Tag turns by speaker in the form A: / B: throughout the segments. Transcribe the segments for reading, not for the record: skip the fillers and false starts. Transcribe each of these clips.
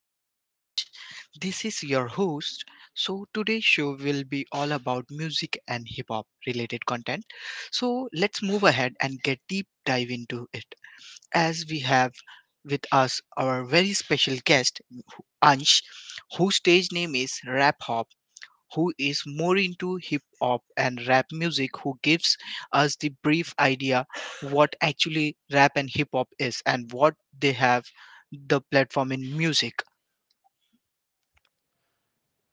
A: R&H. This is your host. So today's show will be all about music and hip hop related content. So let's move ahead and get deep dive into it. As we have with us our very special guest Ansh, whose stage name is Rap, who is more into hip hop and rap music, who gives us the brief idea what actually rap and hip hop is and what they have the platform in music.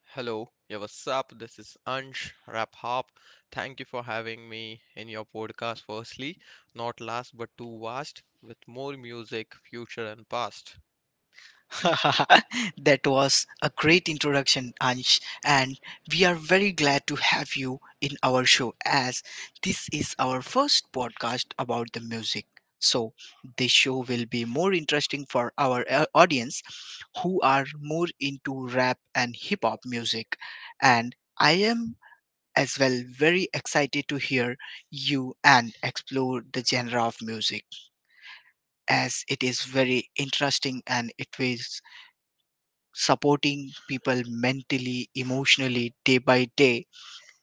B: Hello, yeah, what's up? This is Ansh Raphop. Thank you for having me in your podcast, firstly, not last but too vast, with more music, future, and past.
A: That was a great introduction, Ansh, and we are very glad to have you in our show as this is our first podcast about the music. So, this show will be more interesting for our audience who are more into rap and hip hop music. And I am as well very excited to hear you and explore the genre of music as it is very interesting and it will supporting people mentally emotionally day by day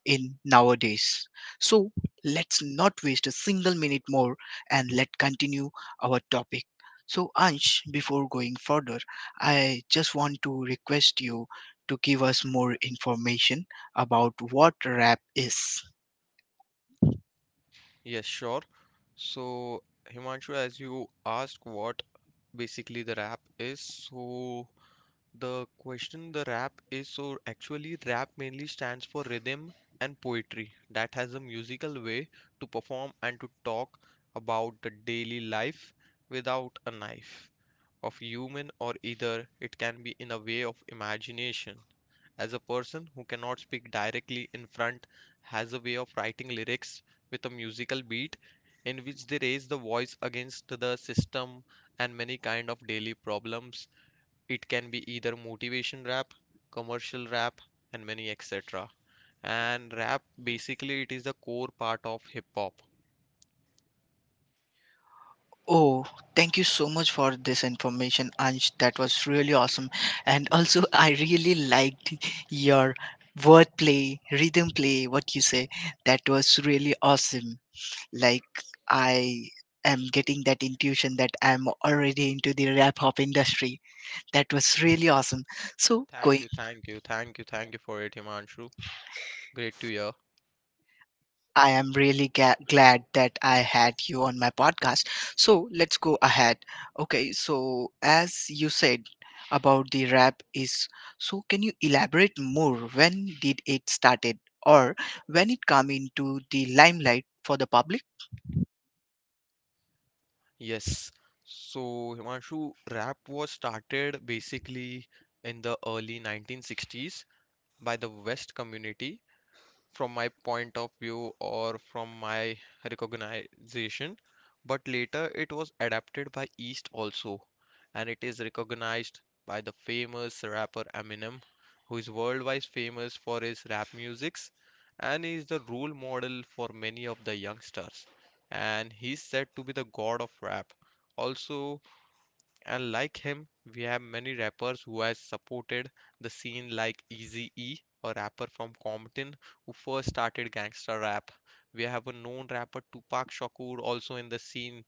A: in nowadays. So let's not waste a single minute more and let continue our topic. So Ansh, before going further, I just want to request you to give us more information about what rap is.
B: Yes, sure. So, Himanshu, as you asked what basically the rap is, so the question, the rap is, so actually, rap mainly stands for rhythm and poetry that has a musical way to perform and to talk about the daily life without a knife of human, or either it can be in a way of imagination. As a person who cannot speak directly in front, has a way of writing lyrics with a musical beat in which they raise the voice against the system and many kind of daily problems. It can be either motivation rap, commercial rap, and many etc. And rap basically it is the core part of hip hop.
A: Oh, thank you so much for this information, Ansh. That was really awesome. And also, I really liked your wordplay, rhythm play, what you say. That was really awesome. Like, I am getting that intuition that I'm already into the rap hop industry. That was really awesome. So,
B: Thank
A: going.
B: you, thank you, thank you, thank you for it, Himanshu. Great to hear.
A: I am really ga- glad that I had you on my podcast. So let's go ahead. Okay, so as you said about the rap is, so can you elaborate more when did it started or when it come into the limelight for the public?
B: Yes. So, Himanshu, rap was started basically in the early 1960s by the West community from my point of view or from my recognition, but later it was adapted by East also, and it is recognized by the famous rapper Eminem, who is worldwide famous for his rap musics and is the role model for many of the youngsters. And he's said to be the god of rap. Also, and like him, we have many rappers who has supported the scene like Eazy-E, a rapper from Compton who first started gangsta rap. We have a known rapper Tupac Shakur also in the scene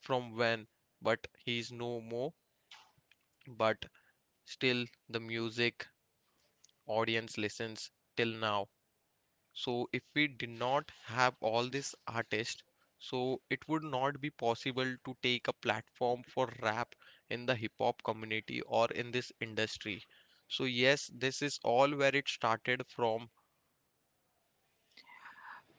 B: from when, but he is no more, but still the music audience listens till now. So if we did not have all these artists, so it would not be possible to take a platform for rap in the hip hop community or in this industry. So yes, this is all where it started from.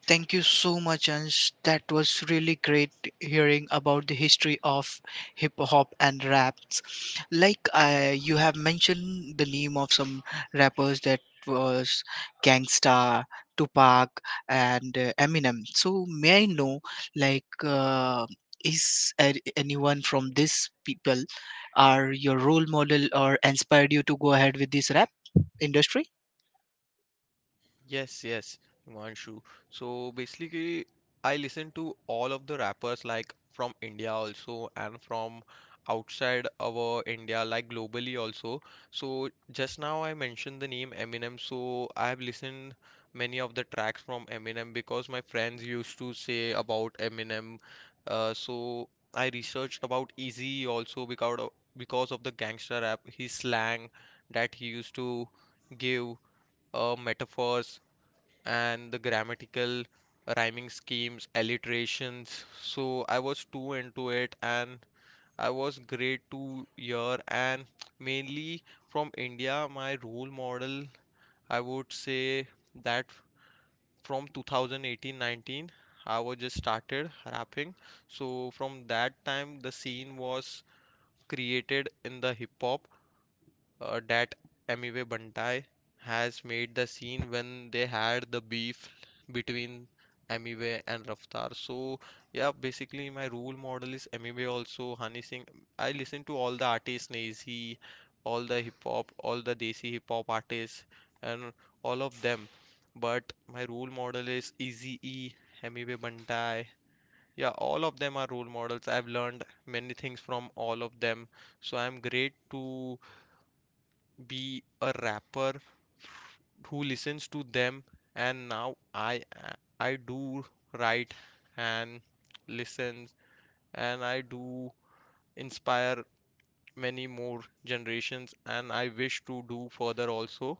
A: Thank you so much, Ansh. That was really great hearing about the history of hip hop and raps. Like you have mentioned the name of some rappers that was Gangsta, Tupac, and Eminem. So may I know, like, anyone from these people are your role model or inspired you to go ahead with this rap industry?
B: Yes, yes, Himanshu. So basically, I listen to all of the rappers like from India also and from outside our India, like globally also. So just now I mentioned the name Eminem, so I have listened many of the tracks from Eminem because my friends used to say about Eminem. So I researched about Easy also because of the gangster rap, his slang that he used to give metaphors and the grammatical rhyming schemes, alliterations. So I was too into it and I was grade two year, and mainly from India, my role model, I would say that from 2018-19, I was just started rapping. So from that time, the scene was created in the hip hop that Amiwe Bantai has made the scene when they had the beef between Amiwe and Raftar. So yeah, basically my role model is Amiwe, also Honey Singh. I listen to all the artists, Nazy, all the hip hop, all the Desi hip hop artists, and all of them. But my role model is Eazy-E, Amiwe Bantai. Yeah, all of them are role models. I've learned many things from all of them. So I'm great to be a rapper who listens to them, and now I do write and listen, and I do inspire many more generations, and I wish to do further also.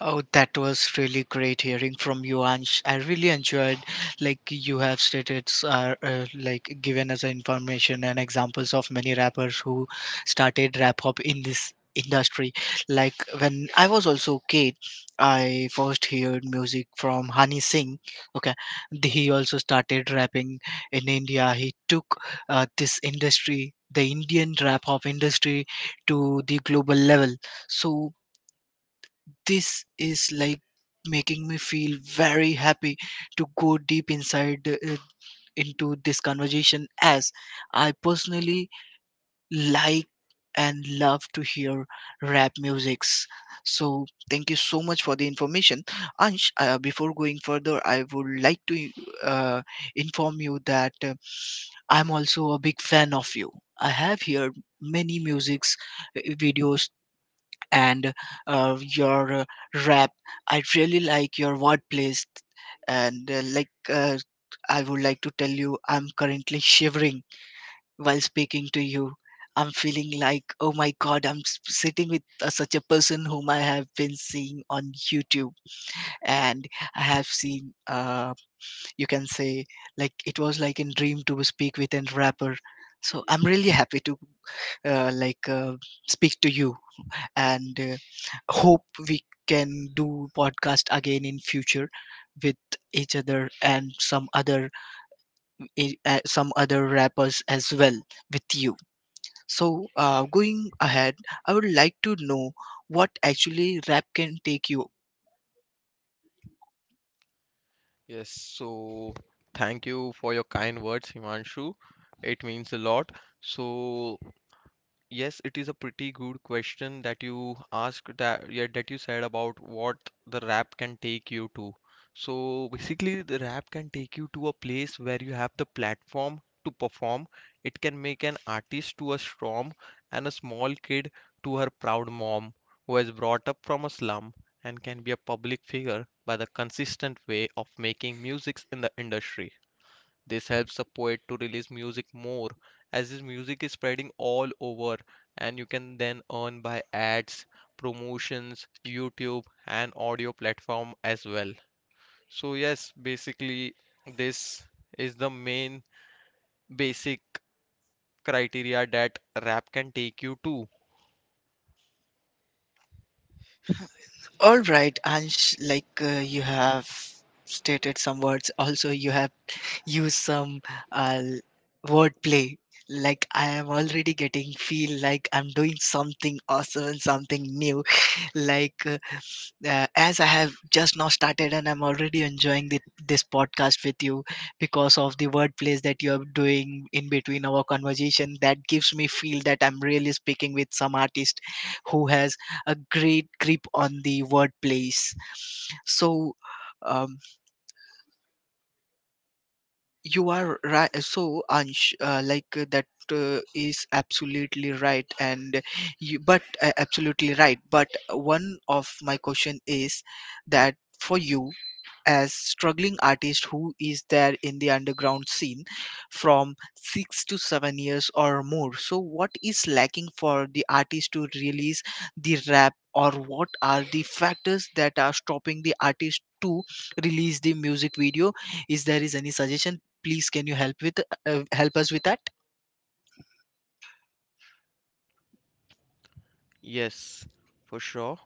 A: Oh, that was really great hearing from you, Ansh. I really enjoyed, like you have stated, like given us information and examples of many rappers who started rap hop in this industry. Like when I was also a kid, I first heard music from Hani Singh. Okay, he also started rapping in India. He took this industry, the Indian rap hop industry, to the global level. So this is like making me feel very happy to go deep inside into this conversation as I personally like and love to hear rap musics. So thank you so much for the information, Ansh. Before going further, I would like to uh, inform you that I'm also a big fan of you. I have heard many musics, videos, and your rap. I really like your wordplays, and I would like to tell you, I'm currently shivering while speaking to you. I'm feeling like, oh my god, sitting with such a person whom I have been seeing on YouTube, and I have seen, you can say, like it was like a dream to speak with a rapper. So I'm really happy to uh, like uh, speak to you and hope we can do podcast again in future with each other and some other some other rappers as well with you. So going ahead, I would like to know what actually rap can take you.
B: Yes, so thank you for your kind words, Himanshu. It means a lot. So, yes, it is a pretty good question that you asked, that yeah, that you said about what the rap can take you to. So basically, the rap can take you to a place where you have the platform to perform. It can make an artist to a storm and a small kid to her proud mom who has brought up from a slum and can be a public figure by the consistent way of making music in the industry. This helps the poet to release music more as his music is spreading all over, and you can then earn by ads, promotions, YouTube and audio platform as well. So yes, basically this is the main basic criteria that rap can take you to.
A: All right, Ansh, like you have stated some words, also you have used some uh, wordplay. Like I am already getting feel like I'm doing something awesome, something new. like uh, as I have just now started and I'm already enjoying this podcast with you because of the word plays that you are doing in between our conversation that gives me feel that I'm really speaking with some artist who has a great grip on the word plays. So um, you are right. So Ansh, that is absolutely right and you but absolutely right, but one of my question is that for you as struggling artist who is there in the underground scene from 6 to 7 years or more, so what is lacking for the artist to release the rap, or what are the factors that are stopping the artist to release the music video? Is there is any suggestion, please can you help with help us with that?
B: Yes, for sure.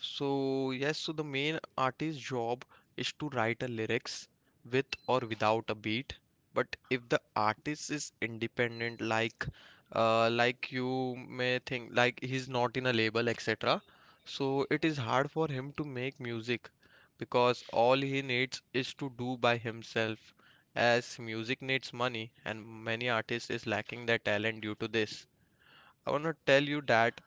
B: So, yes, so the main artist's job is to write a lyrics with or without a beat. But if the artist is independent, like you may think, like he's not in a label, etc. So it is hard for him to make music because all he needs is to do by himself, as music needs money, and many artists is lacking their talent due to this. I want to tell you that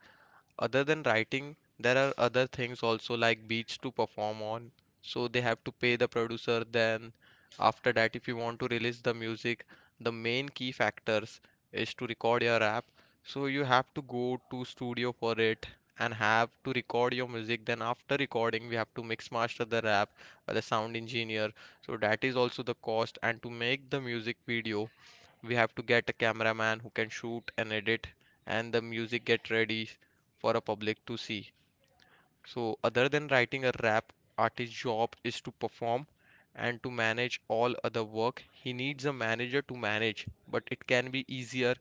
B: other than writing there are other things also like beats to perform on, so they have to pay the producer. Then after that, if you want to release the music, the main key factors is to record your app, so you have to go to studio for it and have to record your music. Then after recording we have to mix master the rap by the sound engineer, so that is also the cost. And to make the music video we have to get a cameraman who can shoot and edit, and the music get ready for a public to see. So other than writing a rap, artist's job is to perform and to manage all other work. He needs a manager to manage, but it can be easier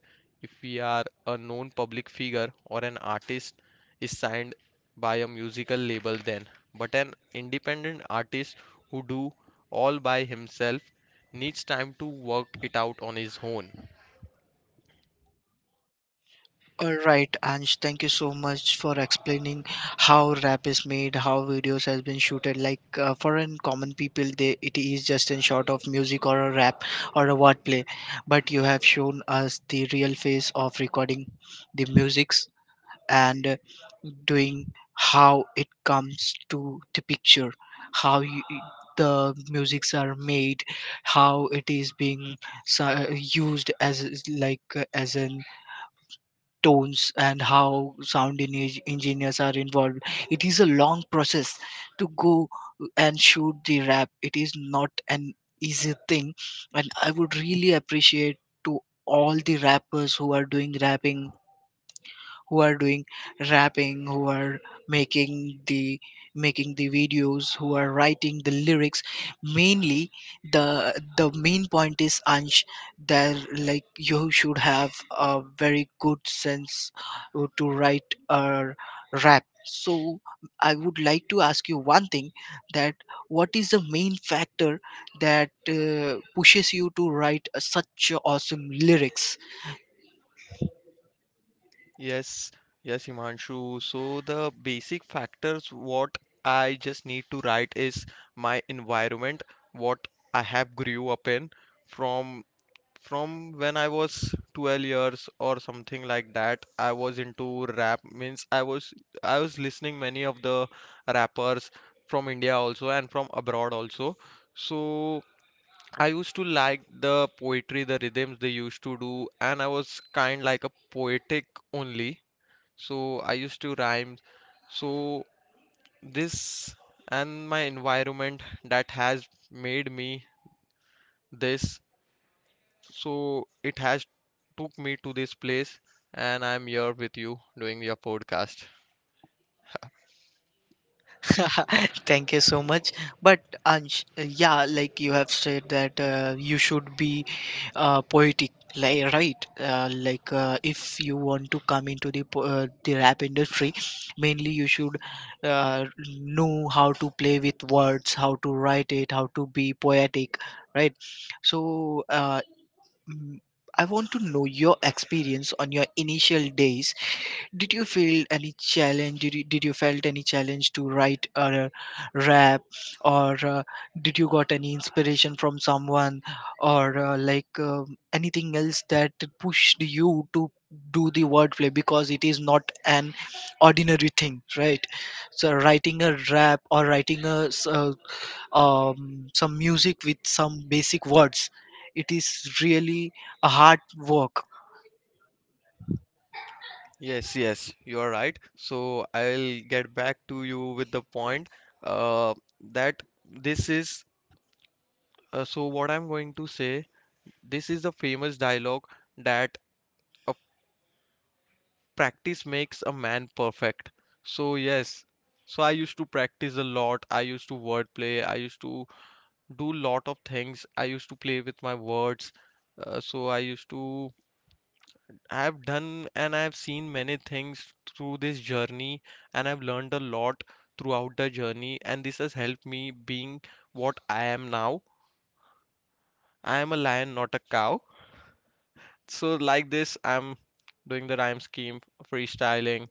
B: if we are a known public figure, or an artist is signed by a musical label then. But an independent artist who do all by himself needs time to work it out on his own.
A: All right, Ansh, thank you so much for explaining how rap is made, how videos has been shooted. Like for an common people, they it is just in short of music or a rap or a wordplay. But you have shown us the real face of recording the musics and doing how it comes to the picture, how you, the musics are made, how it is being used as like as an tones, and how engineers are involved. It is a long process to go and shoot the rap. It is not an easy thing, and I would really appreciate to all the rappers who are doing rapping, who are doing who are making the making the videos, who are writing the lyrics. Mainly the the main point is, Ansh, that like you should have a very good sense to write a rap. So I would like to ask you one thing, that what is the main factor that pushes you to write a, such awesome lyrics.
B: Yes, yes, Himanshu. So the basic factors what I just need to write is my environment, what I have grew up in from from when I was 12 years or something like that. I was into rap means I was listening many of the rappers from India also and from abroad also. So I used to like the poetry, the rhythms they used to do, and I was kind like a poetic only, so I used to rhyme. So this and my environment that has made me this, so it has took me to this place, and I'm here with you doing your podcast.
A: Thank you so much. But Ansh, yeah, like you have said that you should be poetic, like, right? If you want to come into the the rap industry, mainly you should uh, know how to play with words, how to write it, how to be poetic, right? So. Mm, I want to know your experience on your initial days. Did you feel any challenge? Did you felt any challenge to write a rap, or did you got any inspiration from someone, or anything else that pushed you to do the wordplay? Because it is not an ordinary thing, right? So writing a rap or writing a some music with some basic words, it is really a hard work.
B: Yes, yes, you are right, so I'll get back to you with the point uh, that this is, so what I'm going to say, this is a famous dialogue that a practice makes a man perfect. So yes, so I used to practice a lot. I used to wordplay. I used to do lot of things. I used to play with my words. So I used to I have done and I have seen many things through this journey, and I've learned a lot throughout the journey, and this has helped me being what I am now. I am a lion, not a cow. So like this, I'm doing the rhyme scheme, freestyling,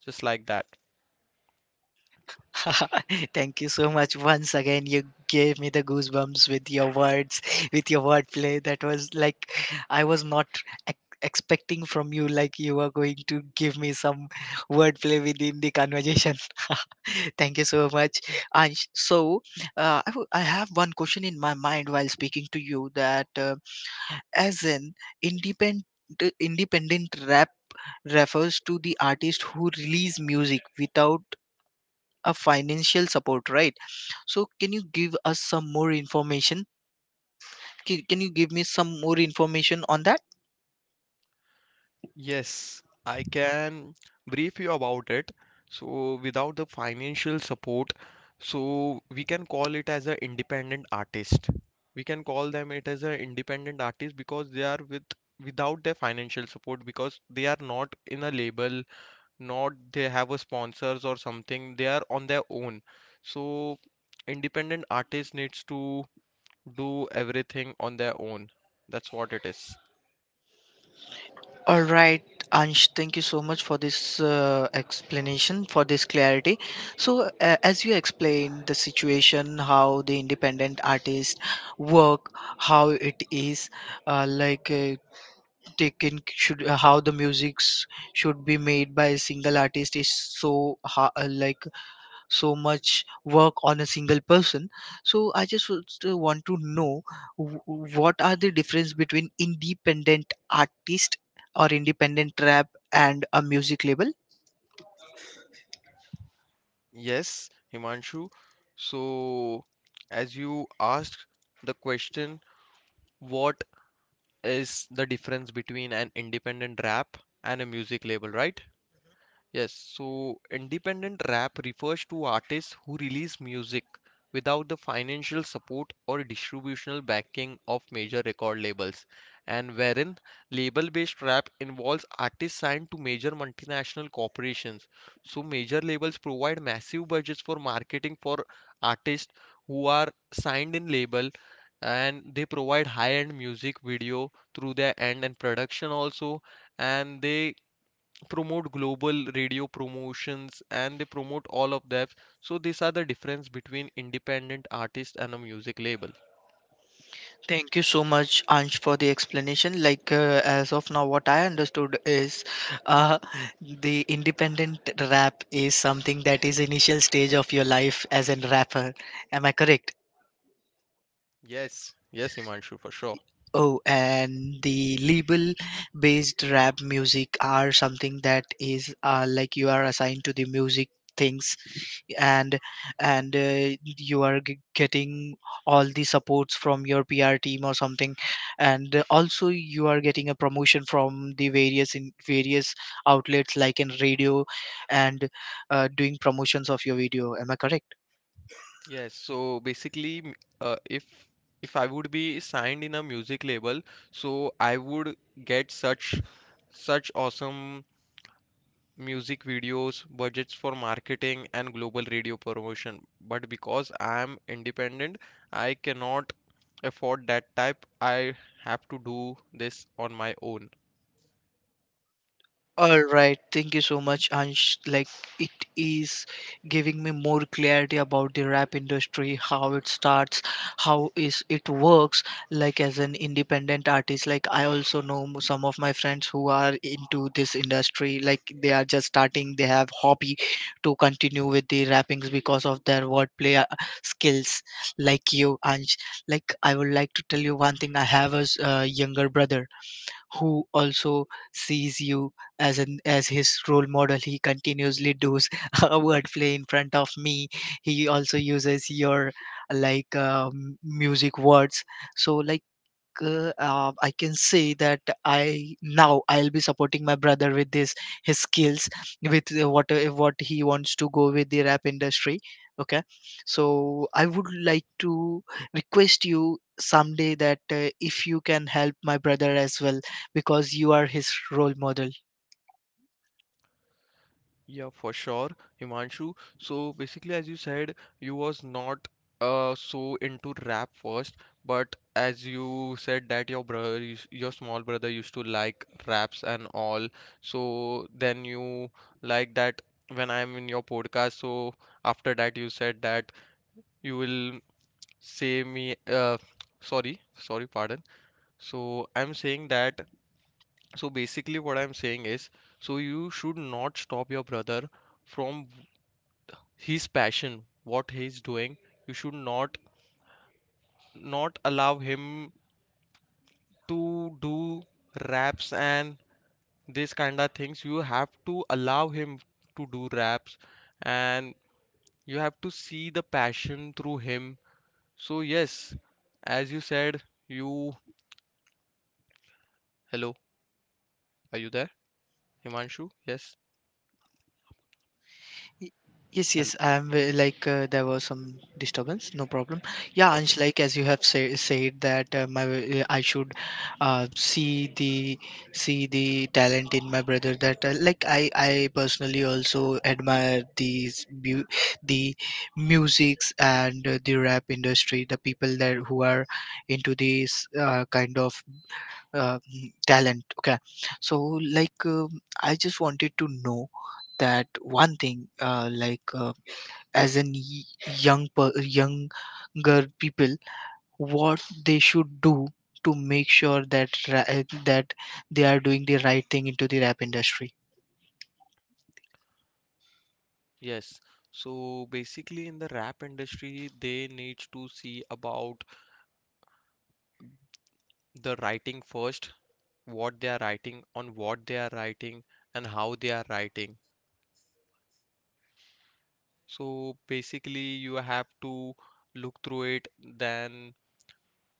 B: just like that.
A: Thank you so much once again. You gave me the goosebumps with your words, with your wordplay. That was like I was not expecting from you. Like you are going to give me some wordplay within the conversation. Thank you so much. And so I have one question in my mind while speaking to you. That as an independent, independent rap refers to the artist who release music without a financial support, right? So can you give us some more information? Can you give me some more information on that?
B: Yes, I can brief you about it. So, without the financial support, so we can call it as an independent artist. We can call them it as an independent artist because they are with without their financial support because they are not in a label, not they have a sponsors or something. They are on their own. So, independent artist needs to do everything on their own. That's what it is.
A: All right, Ansh, thank you so much for this explanation, for this clarity. So as you explained the situation how the independent artist work, how it is like taken should how the musics should be made by a single artist is like so much work on a single person. So I just would still want to know wh- what are the difference between independent artist or independent rap and a music label?
B: Yes, Himanshu. So, as you asked the question, what is the difference between an independent rap and a music label, right? Yes, so independent rap refers to artists who release music without the financial support or distributional backing of major record labels, and wherein label based rap involves artists signed to major multinational corporations. So, major labels provide massive budgets for marketing for artists who are signed in label, and they provide high end music video through their end and production also, and they promote global radio promotions, and they promote all of that. So these are the difference between independent artist and a music label.
A: Thank you so much, Ansh, for the explanation. Like, as of now, what I understood is uh, the independent rap is something that is initial stage of your life as a rapper. Am I correct?
B: Yes, yes, Himanshu, for sure.
A: Oh, and the label-based rap music are something that is like you are assigned to the music things, and and you are getting all the supports from your PR team or something, and also you are getting a promotion from the various in various outlets like in radio, and doing promotions of your video. Am I correct?
B: Yes, so basically, if I would be signed in a music label, so I would get such awesome music videos, budgets for marketing, and global radio promotion. But because I am independent, I cannot afford that type. I have to do this on my own.
A: All right, thank you so much, Ansh. Like, it is giving me more clarity about the rap industry, how it starts, how is it works. Like, as an independent artist, like I also know some of my friends who are into this industry. Like, they are just starting; they have hobby to continue with the rappings because of their wordplay skills. Like you, Ansh. Like, I would like to tell you one thing. I have a younger brother who also sees you as an as his role model. He continuously does a wordplay in front of me. He also uses your like music words. So I can say that I now I'll be supporting my brother with this, his skills, with what he wants to go with the rap industry. Okay, so I would like to request you someday that if you can help my brother as well because you are his role model.
B: Yeah, for sure, Himanshu. So basically, as you said, you was not so into rap first, but as you said that your brother, used- your small brother used to like raps and all. So then you like that when I'm in your podcast. So after that, you said that you will say me. Sorry, sorry, pardon. So I'm saying that. So basically, what I'm saying is, so you should not stop your brother from his passion what he's doing. You should not allow him to do raps and this kind of things. You have to allow him to do raps, and you have to see the passion through him. So yes, as you said, you hello, are you there? Himanshu, yes,
A: Y- Yes,
B: hello,
A: yes, I'm like there was some disturbance, no problem. Yeah,
B: okay,
A: Ansh, like as you have said that my I should uh, see the see the talent in my brother. That like I personally also admire the musics and the rap industry, the people that who are into this kind of talent. Okay, so I just wanted to know that one thing, like as an younger people what they should do to make sure that they are doing the right thing into the rap industry.
B: yes. So basically, in the rap industry they need to see about the writing first, what they are writing, on what they are writing, and how they are writing. So basically, you have to look through it, then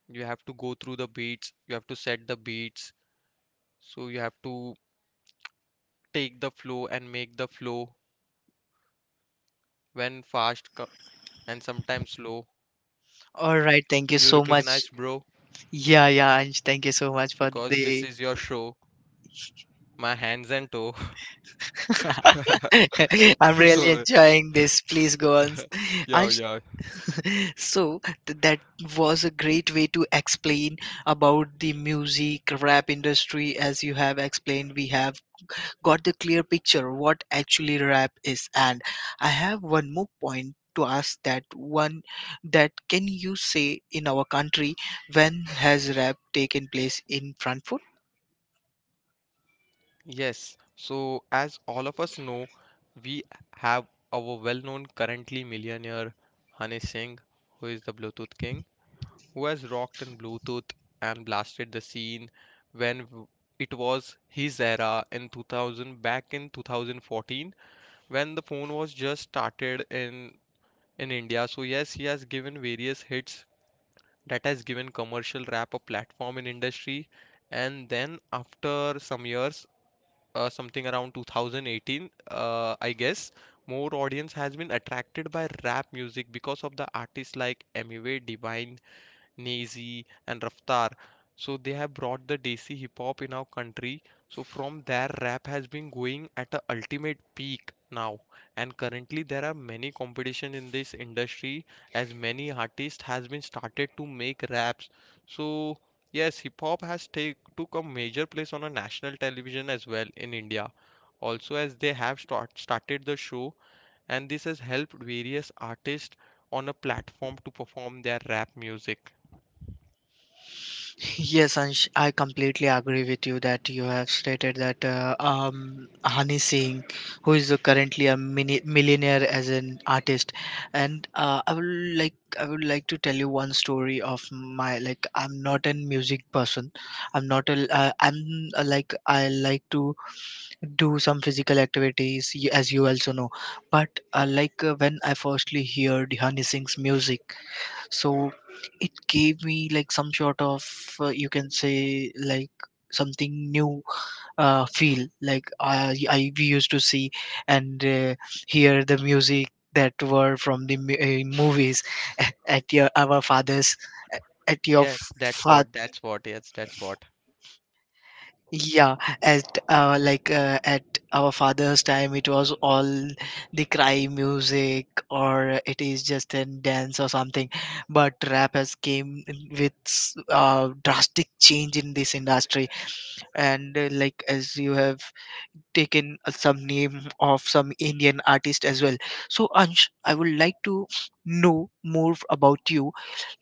B: you have to go through the beats, you have to set the beats, so you have to take the flow and make the flow when and sometimes slow.
A: All right, thank you
B: You
A: so much.
B: recognize, bro,
A: Yeah, yeah, Anj, thank you so much for
B: because this
A: the...
B: is your show, my hands and toe.
A: I'm really
B: So,
A: enjoying this, please go on,
B: yeah,
A: Anj.
B: yeah.
A: so th- that was a great way to explain about the music rap industry. As you have explained, we have got the clear picture what actually rap is, and I have one more point to ask, that one, that can you say, in our country, when has rap taken place in front?
B: Yes, so as all of us know, we have our well-known currently millionaire Hane Singh, who is the Bluetooth king, who has rocked in Bluetooth and blasted the scene when w- it was his era in 2000, back in 2014, when the phone was just started in India. So yes, he has given various hits that has given commercial rap a platform in industry. And then after some years, something around 2018, I guess, more audience has been attracted by rap music because of the artists like Eminem, Divine, Nazy and Raftar. So they have brought the Desi hip hop in our country. So from there, rap has been going at a ultimate peak now. And currently, there are many competition in this industry as many artists has been started to make raps. So yes, hip hop has take took a major place on a national television as well in India. Also, as they have started the show, and this has helped various artists on a platform to perform their rap music.
A: Yes, Ansh, I completely agree with you that you have stated that Hani Singh, who is currently a millionaire as an artist, and I would like to tell you one story of my... like, I'm not a music person, I'm not a I'm like I like to do some physical activities, as you also know, but like when I firstly heard Hani Singh's music, so it gave me like some sort of you can say like something new feel. Like I we used to see and hear the music that were from the movies at your our fathers, at your
B: Yes, that's what, that's what, yes, that's what.
A: Yeah, at like at our father's time, it was all the cry music, or it is just a dance or something. But rap has came in with drastic change in this industry, and like as you have taken some name of some Indian artist as well. So Ansh, I would like to know more about you.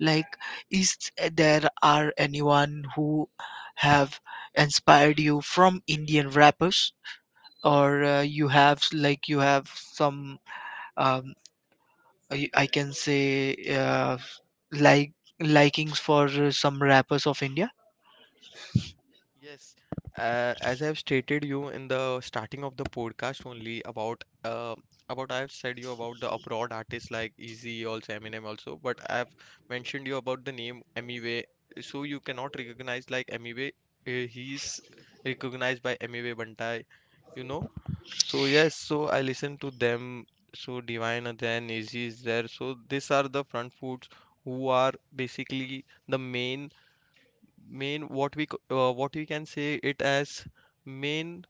A: Like, is there are anyone who have inspired you from Indian rappers, or you have like you have some um, I can say like likings for some rappers of India?
B: Yes, as I've stated you in the starting of the podcast only about I've said you about the abroad artists like Eazy also, Eminem also, but I've mentioned you about the name Emiway, so you cannot recognize like Emiway. He's recognized by Emiway Bantai, you know. So yes, so I listen to them. So Divine and then Eazy is there. So these are the front foods who are basically the main what we can say it as main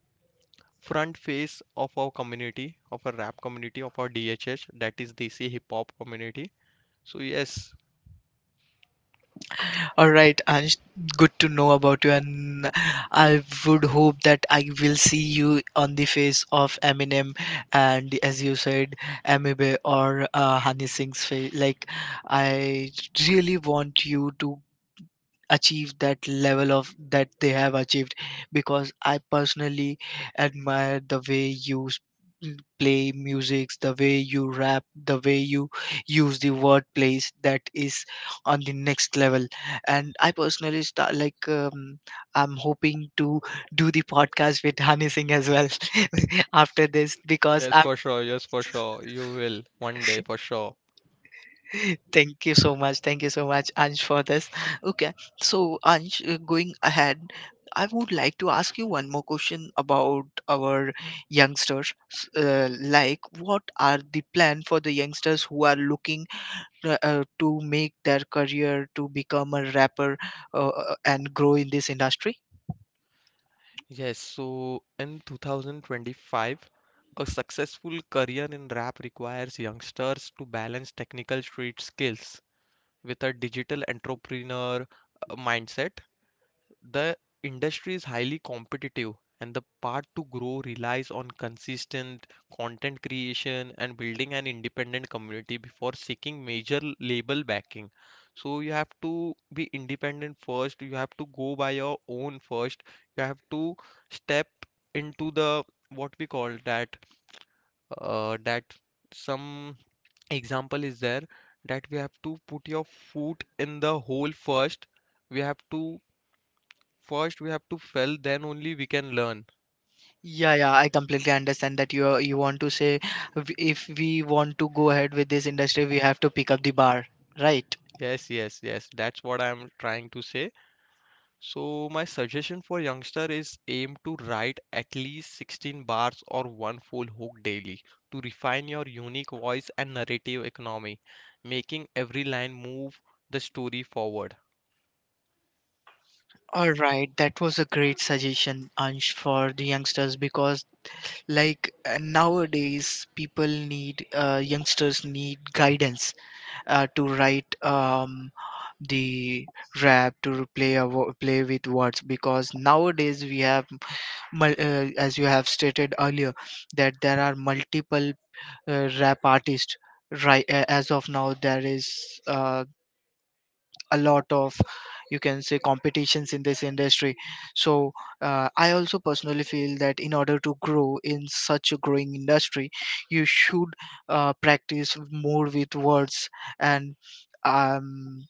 B: front face of our community, of our rap community, of our DHH, that is DC hip hop community. So yes,
A: All right, Anish, good to know about you, and I would hope that I will see you on the face of Eminem and, as you said, Amibe or Hani Singh's face. Like, I really want you to achieve that level of that they have achieved, because I personally admire the way you play music, the way you rap, the way you use the word plays, that is on the next level. And I personally start I'm hoping to do the podcast with Hani Singh as well after this, because
B: yes,
A: I'm...
B: for sure. Yes, for sure, you will, one day, for sure.
A: Thank you so much. Thank you so much, Ansh, for this. Okay. So, Ansh, going ahead, I would like to ask you one more question about our youngsters. Like, what are the plan for the youngsters who are looking to make their career to become a rapper and grow in this industry?
B: Yes, so in 2025 a successful career in rap requires youngsters to balance technical street skills with a digital entrepreneur mindset. The industry is highly competitive, and the path to grow relies on consistent content creation and building an independent community before seeking major label backing. So you have to be independent first, you have to go by your own first, you have to step into the what we call that, uh, that some example is there that we have to put your foot in the hole first. We have to First, we have to fail, then only we can learn.
A: Yeah, yeah, I completely understand that you want to say, If we want to go ahead with this industry, we have to pick up the bar, right?"
B: Yes, yes, yes. That's what I'm trying to say. So, my suggestion for youngster is aim to write at least 16 bars or one full hook daily to refine your unique voice and narrative economy, making every line move the story forward.
A: All right, that was a great suggestion, Ansh, for the youngsters, because like nowadays people need youngsters need guidance to write the rap, to play play with words, because nowadays we have as you have stated earlier, that there are multiple rap artist, right. As of now there is a lot of, you can say, competitions in this industry. So I also personally feel that in order to grow in such a growing industry, you should practice more with words, and um,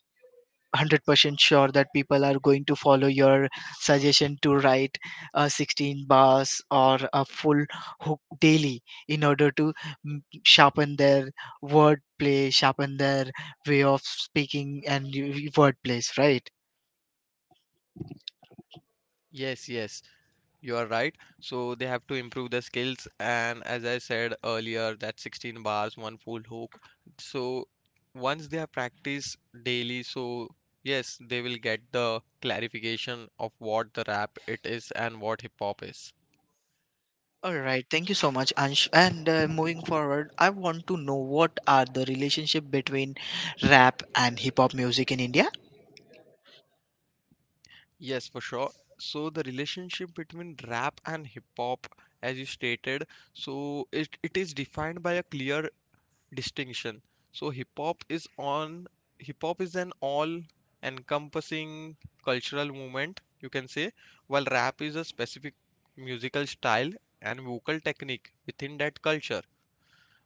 A: 100% sure that people are going to follow your suggestion to write a 16 bars or a full hook daily in order to sharpen their wordplay, sharpen their way of speaking and wordplays, right?
B: Yes, yes. You are right. So they have to improve the skills, and as I said earlier, that 16 bars, one full hook. So once they have practiced daily, so yes, they will get the clarification of what the rap it is and what hip hop is.
A: All right, thank you so much, Ansh. And moving forward, I want to know what are the relationship between rap and hip hop music in India.
B: Yes, for sure. So the relationship between rap and hip hop, as you stated, so it is defined by a clear distinction. So hip hop is an all encompassing cultural movement, you can say, while rap is a specific musical style and vocal technique within that culture,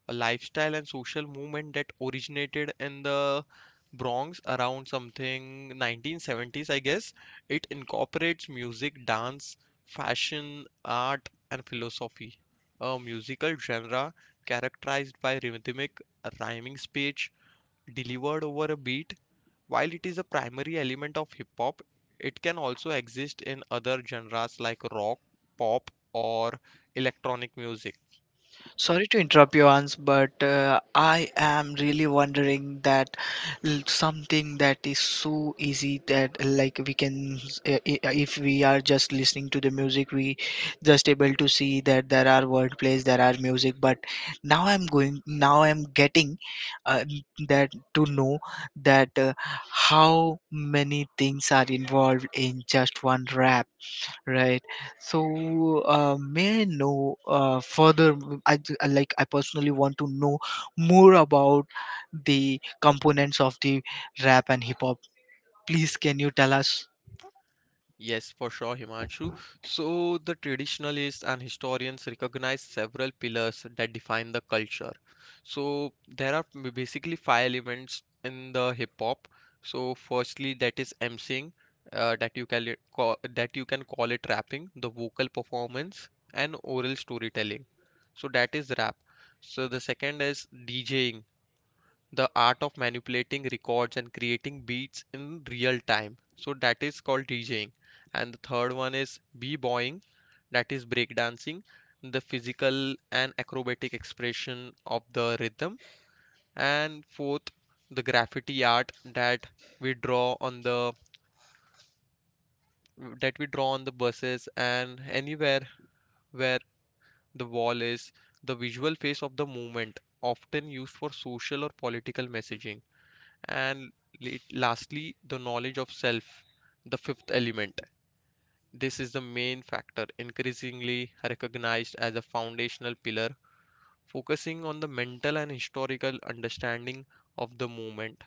B: a lifestyle and social movement that originated in the Bronx around something 1970s, I guess. It incorporates music, dance, fashion, art, and philosophy. A musical genre characterized by rhythmic, rhyming speech delivered over a beat. While it is a primary element of hip hop, it can also exist in other genres like rock, pop, or electronic music.
A: Sorry to interrupt you, Ans, but I am really wondering that something that is so easy, that like we can, if we are just listening to the music, we just able to see that there are word plays, there are music. But now I'm getting that to know that how many things are involved in just one rap. Right. So, may I know further? I like I personally want to know more about the components of the rap and hip hop. Please, can you tell us?
B: Yes, for sure, Himanshu. So, the traditionalists and historians recognize several pillars that define the culture. So, there are basically five elements in the hip hop. So, firstly, that is emceeing, that you can call it rapping, the vocal performance, and oral storytelling. So, that is rap. So, the second is DJing, the art of manipulating records and creating beats in real time, so that is called DJing. And the third one is b-boying, that is breakdancing, the physical and acrobatic expression of the rhythm. And fourth, the graffiti art that we draw on the that we draw on the buses and anywhere where the wall is, the visual face of the movement often used for social or political messaging. And lastly, the knowledge of self, the fifth element. This is the main factor, increasingly recognized as a foundational pillar, focusing on the mental and historical understanding of the movement.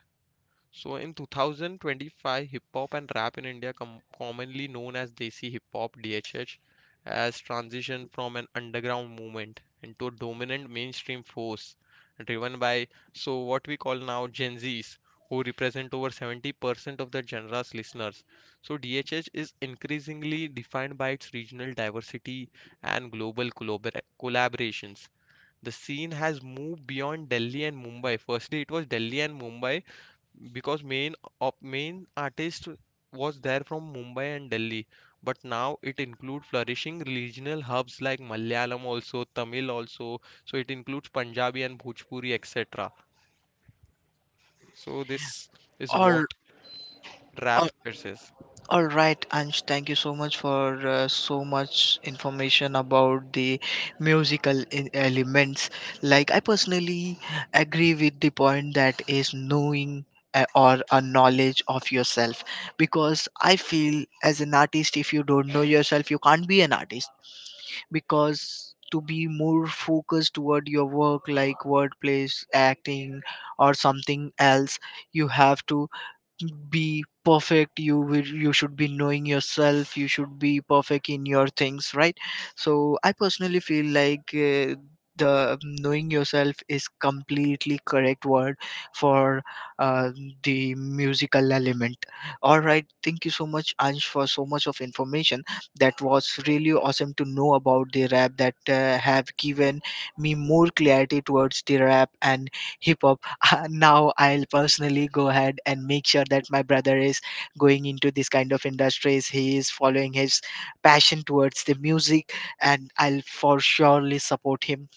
B: So in 2025, hip hop and rap in India, commonly known as Desi hip hop (DHH), has transitioned from an underground movement into a dominant mainstream force, driven by so what we call now Gen Zs, who represent over 70% of the genre's listeners. So DHH is increasingly defined by its regional diversity and global collaborations. The scene has moved beyond Delhi and Mumbai. Firstly, it was Delhi and Mumbai because main artist was there from Mumbai and Delhi, but now it includes flourishing regional hubs like Malayalam also, Tamil also. So it includes Punjabi and Bhojpuri, etc. So this is what
A: Or...
B: rap it is.
A: All right, Ansh, thank you so much for so much information about the musical elements. Like, I personally agree with the point that is knowing, or a knowledge of yourself, because I feel as an artist, if you don't know yourself, you can't be an artist. Because to be more focused toward your work, like wordplays, acting or something else, you have to be perfect, you you should be knowing yourself, you should be perfect in your things, right? So I personally feel like the knowing yourself is completely correct word for uh, the musical element. All right, thank you so much, Ansh, for so much of information. That was really awesome to know about the rap that have given me more clarity towards the rap and hip hop. Now I'll personally go ahead and make sure that my brother is going into this kind of industries. He is following his passion towards the music, and I'll for surely support him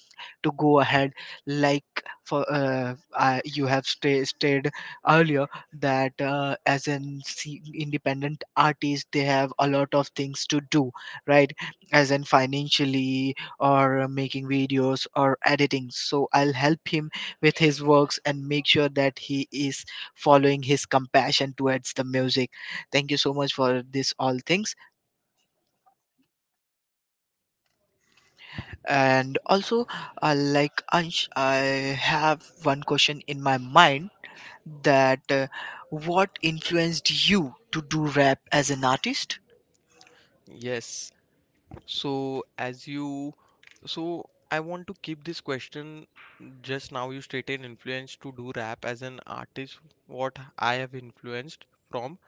A: to go ahead. Like, for you have stated earlier that as an independent artist they have a lot of things to do, right? As in financially or making videos or editing, so I'll help him with his works and make sure that he is following his compassion towards the music. Thank you so much for this all things. And also, like Ansh, I have one question in my mind, that what influenced you to do rap as an artist?
B: Yes. So as you, so I want to keep this question. Just now you stated influence to do rap as an artist. What I have influenced from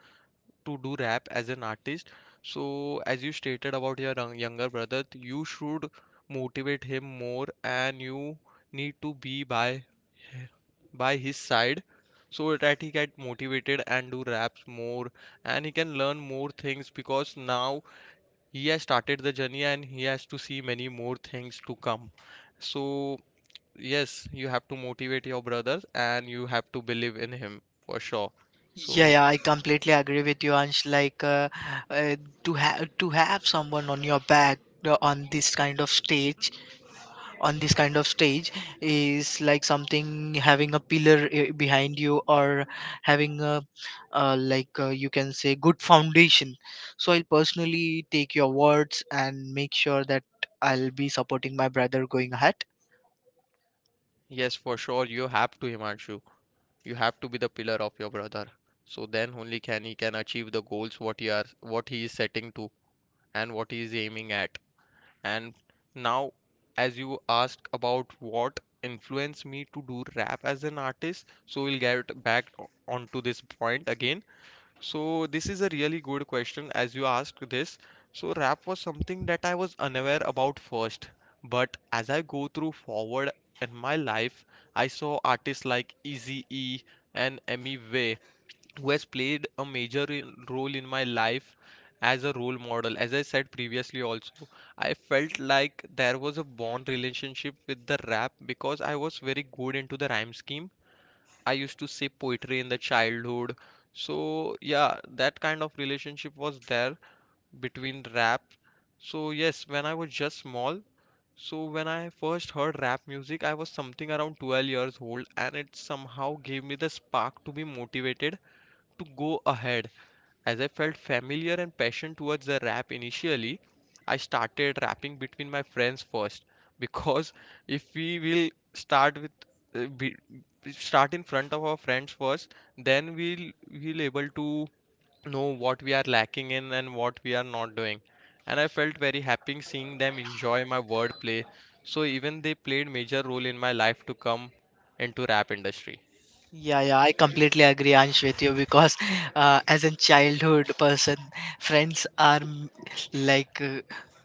B: to do rap as an artist. So, as you stated about your younger brother, you should motivate him more, and you need to be by his side, so that he get motivated and do raps more, and he can learn more things because now he has started the journey and he has to see many more things to come. So, yes, you have to motivate your brother and you have to believe in him for sure.
A: Yeah,
B: So,
A: yeah, I completely agree with you, Ansh, like uh, to have someone on your back, on this kind of stage on this kind of stage is like something having a pillar behind you, or having a like you can say good foundation. So I'll personally take your words and make sure that I'll be supporting my brother going ahead.
B: yes, for sure, you have to, Himanshu. You have to be the pillar of your brother. So then only can he can achieve the goals what he are what he is setting to and what he is aiming at. And now, as you asked about what influenced me to do rap as an artist, so we'll get back onto this point again. So this is a really good question as you asked this. So rap was something that I was unaware about first, but as I go through forward in my life, I saw artists like Eazy-E and Emmy Way, who has played a major role in my life as a role model. As I said previously also, I felt like there was a bond relationship with the rap because I was very good into the rhyme scheme. I used to say poetry in the childhood. So yeah, that kind of relationship was there between rap. So yes, when I was just small, so when I first heard rap music, I was something around 12 years old and it somehow gave me the spark to be motivated to go ahead. As I felt familiar and passion towards the rap initially, I started rapping between my friends first because if we will start with uh, be, start in front of our friends first, then we'll able to know what we are lacking in and what we are not doing. And I felt very happy seeing them enjoy my wordplay. So even they played major role in my life to come into rap industry.
A: Yeah, yeah, I completely agree, Ansh, with you because as a childhood person, friends are like uh,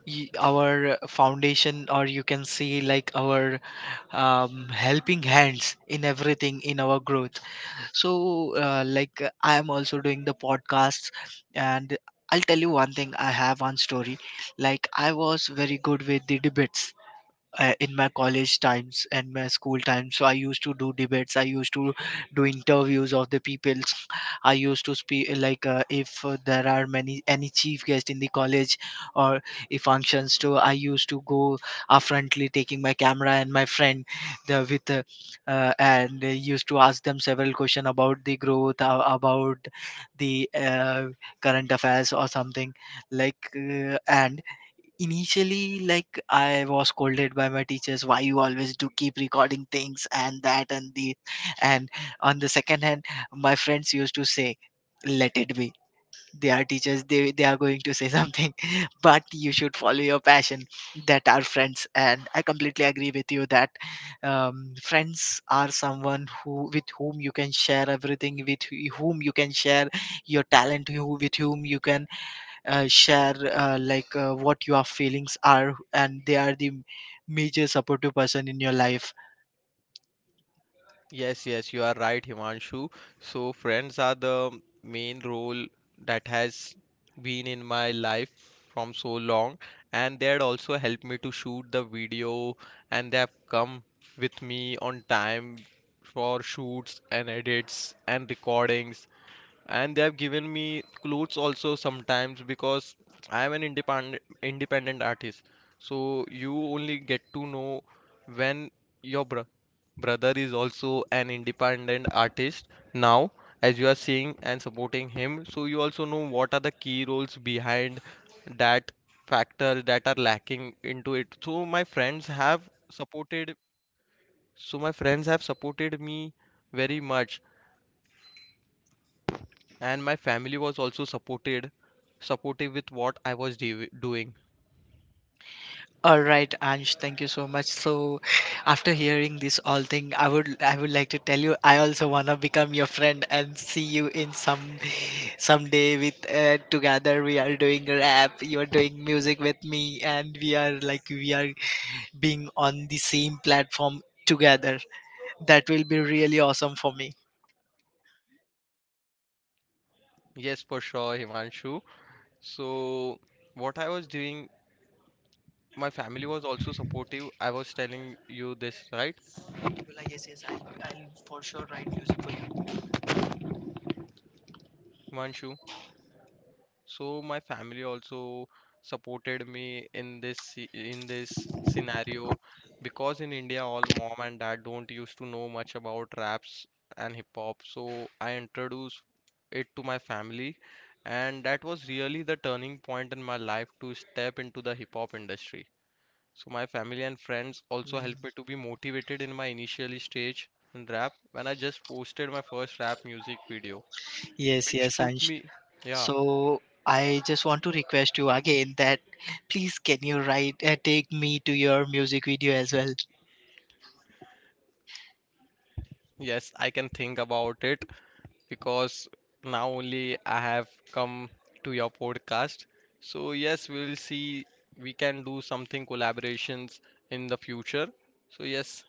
A: y- our foundation, or you can see like our helping hands in everything in our growth. So, I am also doing the podcasts, and I'll tell you one thing, I have one story. Like, I was very good with the debates in my college times and my school times. So I used to do debates, I used to do interviews of the peoples, I used to speak like if there are many any chief guest in the college or if functions too, I used to go upfrontly taking my camera and my friend, the, with and used to ask them several question about the growth, about the current affairs or something like and... Initially, like I was scolded by my teachers, "Why you always do keep recording things and that?" and the and On the second hand, my friends used to say, let it be. They are teachers, they are going to say something, but you should follow your passion. That are friends, and I completely agree with you that friends are someone who with whom you can share everything, with whom you can share your talent, who with whom you can share what your feelings are, and they are the major supportive person in your life.
B: Yes, yes, you are right, Himanshu. So, friends are the main role that has been in my life from so long, and they had also helped me to shoot the video, and they have come with me on time for shoots and edits and recordings, and they have given me clothes also sometimes because I am an independent artist. So you only get to know when your Brother is also an independent artist now, as you are seeing and supporting him. So you also know what are the key roles behind that factors that are lacking into it. So my friends have supported me very much, and my family was also supportive with what I was doing.
A: All right, Ansh, thank you so much. So after hearing this all thing, I would like to tell you I also want to become your friend and see you in some someday with together we are doing rap, you are doing music with me, and we are being on the same platform together. That will be really awesome for me.
B: Yes, for sure, Himanshu. So what I was doing, my family was also supportive. I was telling you this, right?
A: Abdullah, yes, yes, I'll for sure write music for
B: Himanshu. So my family also supported me in this scenario because in India all mom and dad don't used to know much about raps and hip hop. So I introduced it to my family, and that was really the turning point in my life to step into the hip hop industry. So my family and friends also
A: you.
B: helped me to be motivated in my initial stage in rap when I just posted my first rap music video,
A: Yes,
B: which
A: yes,
B: took
A: Ansh.
B: me yeah.
A: So I just want to request you again that please can you write take me to your music video as well.
B: Yes, I can think about it because now only I have come to your podcast. So yes, we'll see we can do something collaborations in the future. So yes.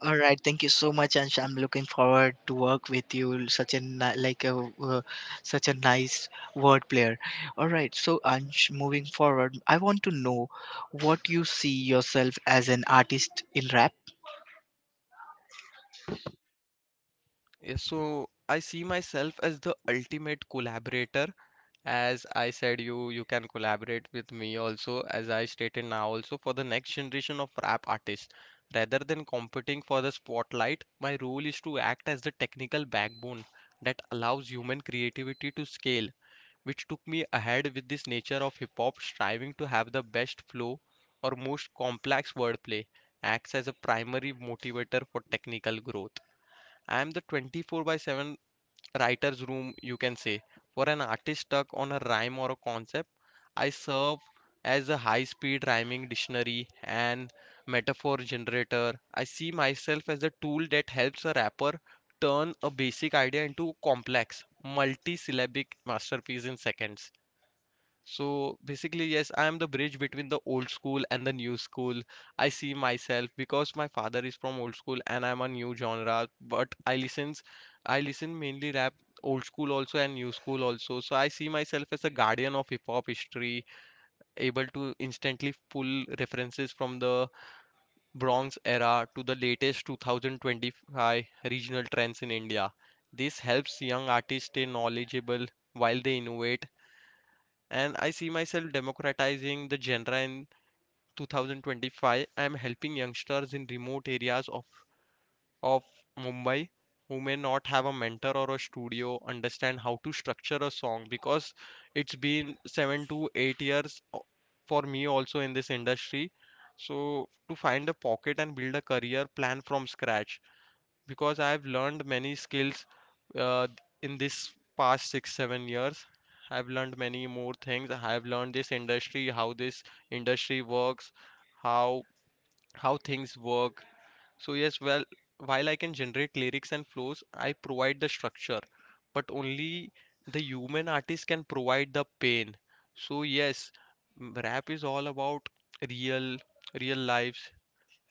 A: All right, thank you so much, Ansh. I'm looking forward to work with you. Such a such a nice word player. All right, so Ansh, moving forward, I want to know what you see yourself as an artist in rap.
B: Yeah, so I see myself as the ultimate collaborator. As I said, you can collaborate with me also, as I stated now also for the next generation of rap artists. Rather than competing for the spotlight, my role is to act as the technical backbone that allows human creativity to scale, which took me ahead with this nature of hip hop striving to have the best flow or most complex wordplay, acts as a primary motivator for technical growth. I'm the 24 by 7 writer's room, you can say. For an artist stuck on a rhyme or a concept, I serve as a high speed rhyming dictionary and metaphor generator. I see myself as a tool that helps a rapper turn a basic idea into a complex, multi syllabic masterpiece in seconds. So basically, yes, I am the bridge between the old school and the new school. I see myself because my father is from old school and I'm a new genre, but I listens, I listen mainly rap, old school also and new school also. So I see myself as a guardian of hip hop history, able to instantly pull references from the Bronx era to the latest 2025 regional trends in India. This helps young artists stay knowledgeable while they innovate, and I see myself democratizing the genre in 2025. I am helping youngsters in remote areas of Mumbai who may not have a mentor or a studio understand how to structure a song because it's been 7 to 8 years for me also in this industry. So, to find a pocket and build a career plan from scratch because I've learned many skills uh, in this past six, 7 years. I've learned many more things. I've learned this industry, how this industry works, how how things work. So yes, well, while I can generate lyrics and flows, I provide the structure, but only the human artist can provide the pain. So yes, rap is all about real real lives,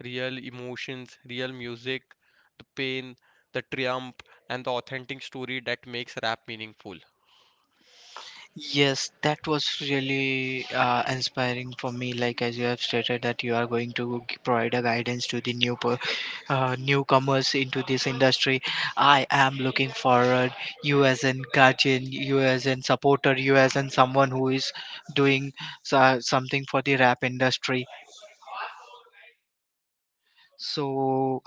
B: real emotions, real music, the pain, the triumph, and the authentic story that makes rap meaningful.
A: Yes, that was really inspiring for me. Like, as you have stated that you are going to provide a guidance to the newcomers into this industry. I am looking forward you as an guardian, you as an supporter, you as an someone who is doing something for the rap industry. So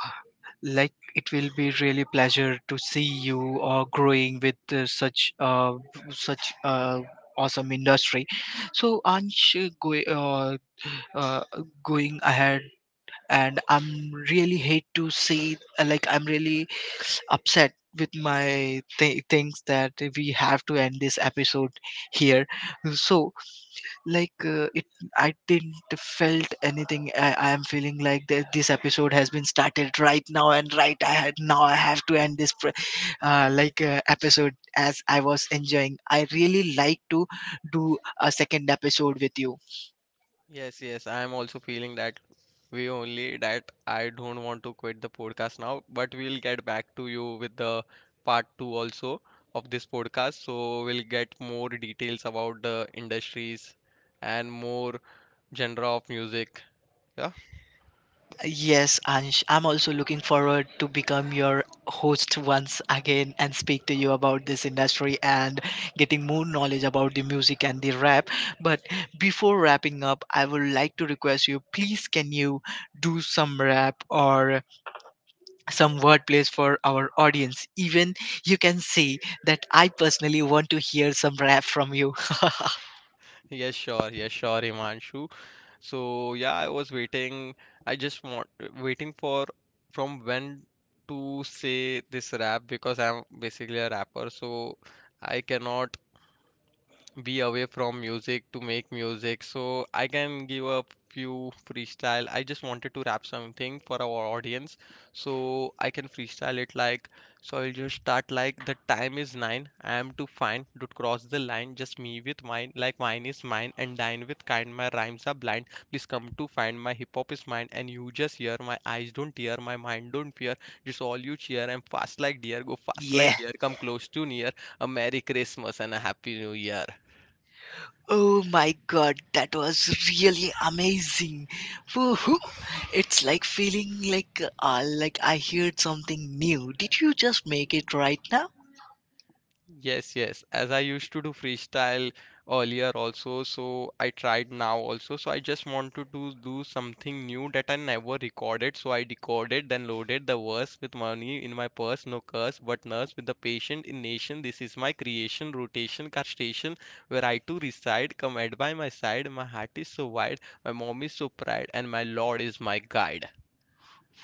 A: like it will be really pleasure to see you growing with such such uh, awesome industry. So Ansh, uh, going ahead, and I'm really hate to see like I'm really upset with my things that we have to end this episode here. So like it I didn't felt anything. I am feeling like that this episode has been started right now, and right I had, now I have to end this episode. As I was enjoying, I really like to do a second episode with you.
B: Yes, yes, I am also feeling that way only, that I don't want to quit the podcast now, but we'll get back to you with the part two also of this podcast. So we'll get more details about the industries and more genre of music. Yeah.
A: Yes, Ansh, I'm also looking forward to become your host once again and speak to you about this industry and getting more knowledge about the music and the rap. But before wrapping up, I would like to request you, please can you do some rap or some word plays for our audience. Even you can say that I personally want to hear some rap from you.
B: Yes, sure. Yes, sure, Himanshu. So yeah, I was waiting. I just want waiting for from when to say this rap because I'm basically a rapper, so I cannot be away from music to make music, so I can give a few freestyle. I just wanted to rap something for our audience, so I can freestyle it like. So I'll just start like: the time is nine, I am to find, don't cross the line, just me with mine, like mine is mine and dine with kind, my rhymes are blind, please come to find, my hip hop is mine and you just hear, my eyes don't tear, my mind don't fear, just all you cheer, I'm fast like deer, go fast
A: yeah.
B: like deer, come close to near, a merry Christmas and a happy new year.
A: Oh my god, that was really amazing. Woohoo. It's like feeling like I heard something new. Did you just make it right now?
B: Yes, yes. As I used to do freestyle earlier also, so I tried now also. So I just wanted to do something new that I never recorded. So I recorded, then loaded the verse with money in my purse, no curse, but nurse with the patient in nation. This is my creation, rotation, castation, where I too reside. Come at by my side, my heart is so wide, my mom is so proud, and my Lord is my guide.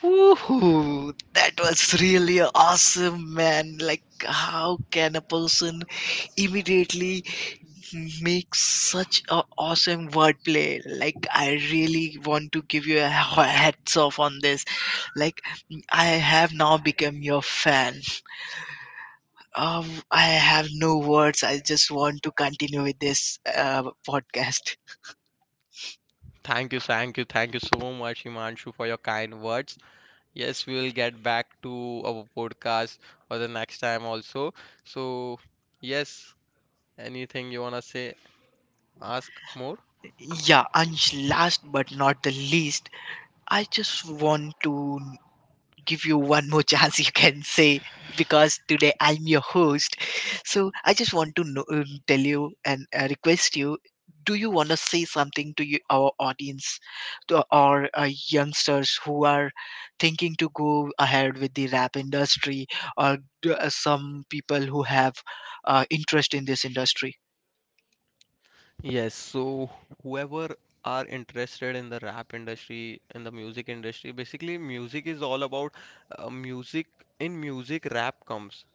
A: Woohoo! That was really awesome, man. Like, how can a person immediately make such a awesome wordplay? Like, I really want to give you a heads off on this. Like, I have now become your fan. I have no words. I just want to continue with this podcast.
B: Thank you, thank you, thank you so much, Himanshu, for your kind words. Yes, we will get back to our podcast for the next time also. So, yes, anything you wanna say, ask more?
A: Yeah, Ansh, last but not the least, I just want to give you one more chance, you can say, because today I'm your host. So I just want to know, tell you and request you, do you want to say something to you, our audience, to our youngsters who are thinking to go ahead with the rap industry or some people who have interest in this industry.
B: Yes, so whoever are interested in the rap industry, in the music industry, basically music is all about music. In music, rap comes.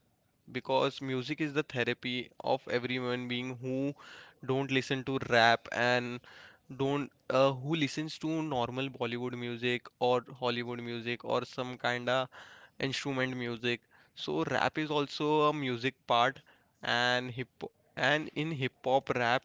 B: Because music is the therapy of every human being who don't listen to rap and don't who listens to normal Bollywood music or Hollywood music or some kinda instrument music. So rap is also a music part, and hip and in hip hop rap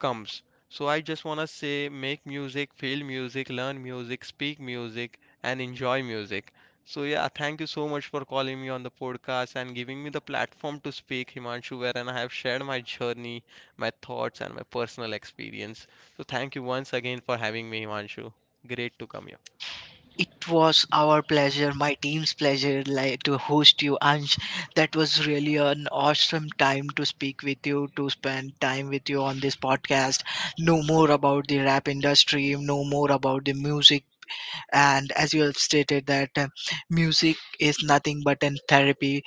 B: comes. So I just want to say make music, feel music, learn music, speak music, and enjoy music. So yeah, thank you so much for calling me on the podcast and giving me the platform to speak, Himanshu, wherein I have shared my journey, my thoughts, and my personal experience. So thank you once again for having me, Himanshu. Great to come here.
A: It was our pleasure, my team's pleasure, like, to host you, Ansh. That was really an awesome time to speak with you, to spend time with you on this podcast. Know more about the rap industry, know more about the music, and as you have stated that music is nothing but a therapy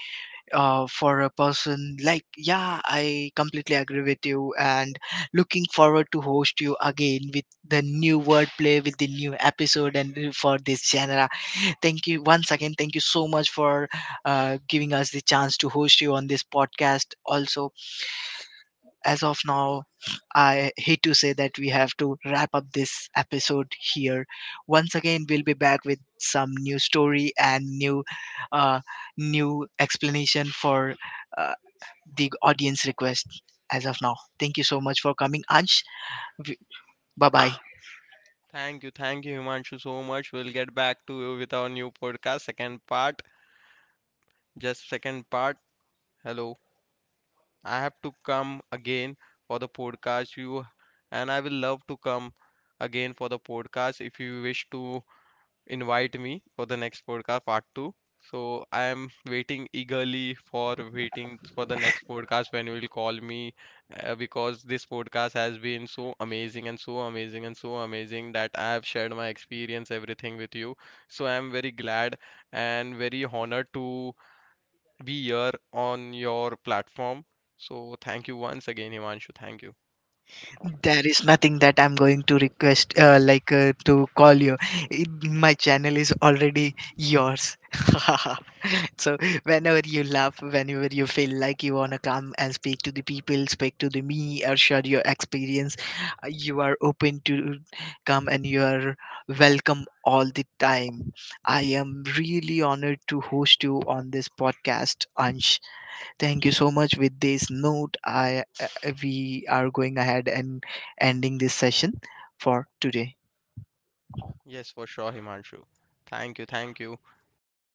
A: for a person. Like, yeah, I completely agree with you, and looking forward to host you again with the new wordplay, with the new episode, and for this genre. Thank you once again. Thank you so much for giving us the chance to host you on this podcast. Also, as of now, I hate to say that we have to wrap up this episode here. Once again, we'll be back with some new story and uh, new explanation for uh, the audience request. As of now, thank you so much for coming, Ansh. Bye bye.
B: Thank you, Himanshu, so much. We'll get back to you with our new podcast, second part. Just second part. Hello. I have to come again for the podcast. You and I will love to come again for the podcast if you wish to invite me for the next podcast part two. So I am waiting eagerly for waiting for the next podcast when you will call me because this podcast has been so amazing that I have shared my experience everything with you. So I am very glad and very honored to we here on your platform. So thank you once again, Himanshu. Thank you.
A: There is nothing that I'm going to request, to call you. It, my channel is already yours. so whenever you laugh, whenever you feel like you wanna come and speak to the people, speak to the me, or share your experience, you are open to come and you are welcome all the time. I am really honored to host you on this podcast, Ansh. Thank you so much. With this note, I we are going ahead and ending this session for today.
B: Yes, for sure, Himanshu. Thank you, thank you. Make me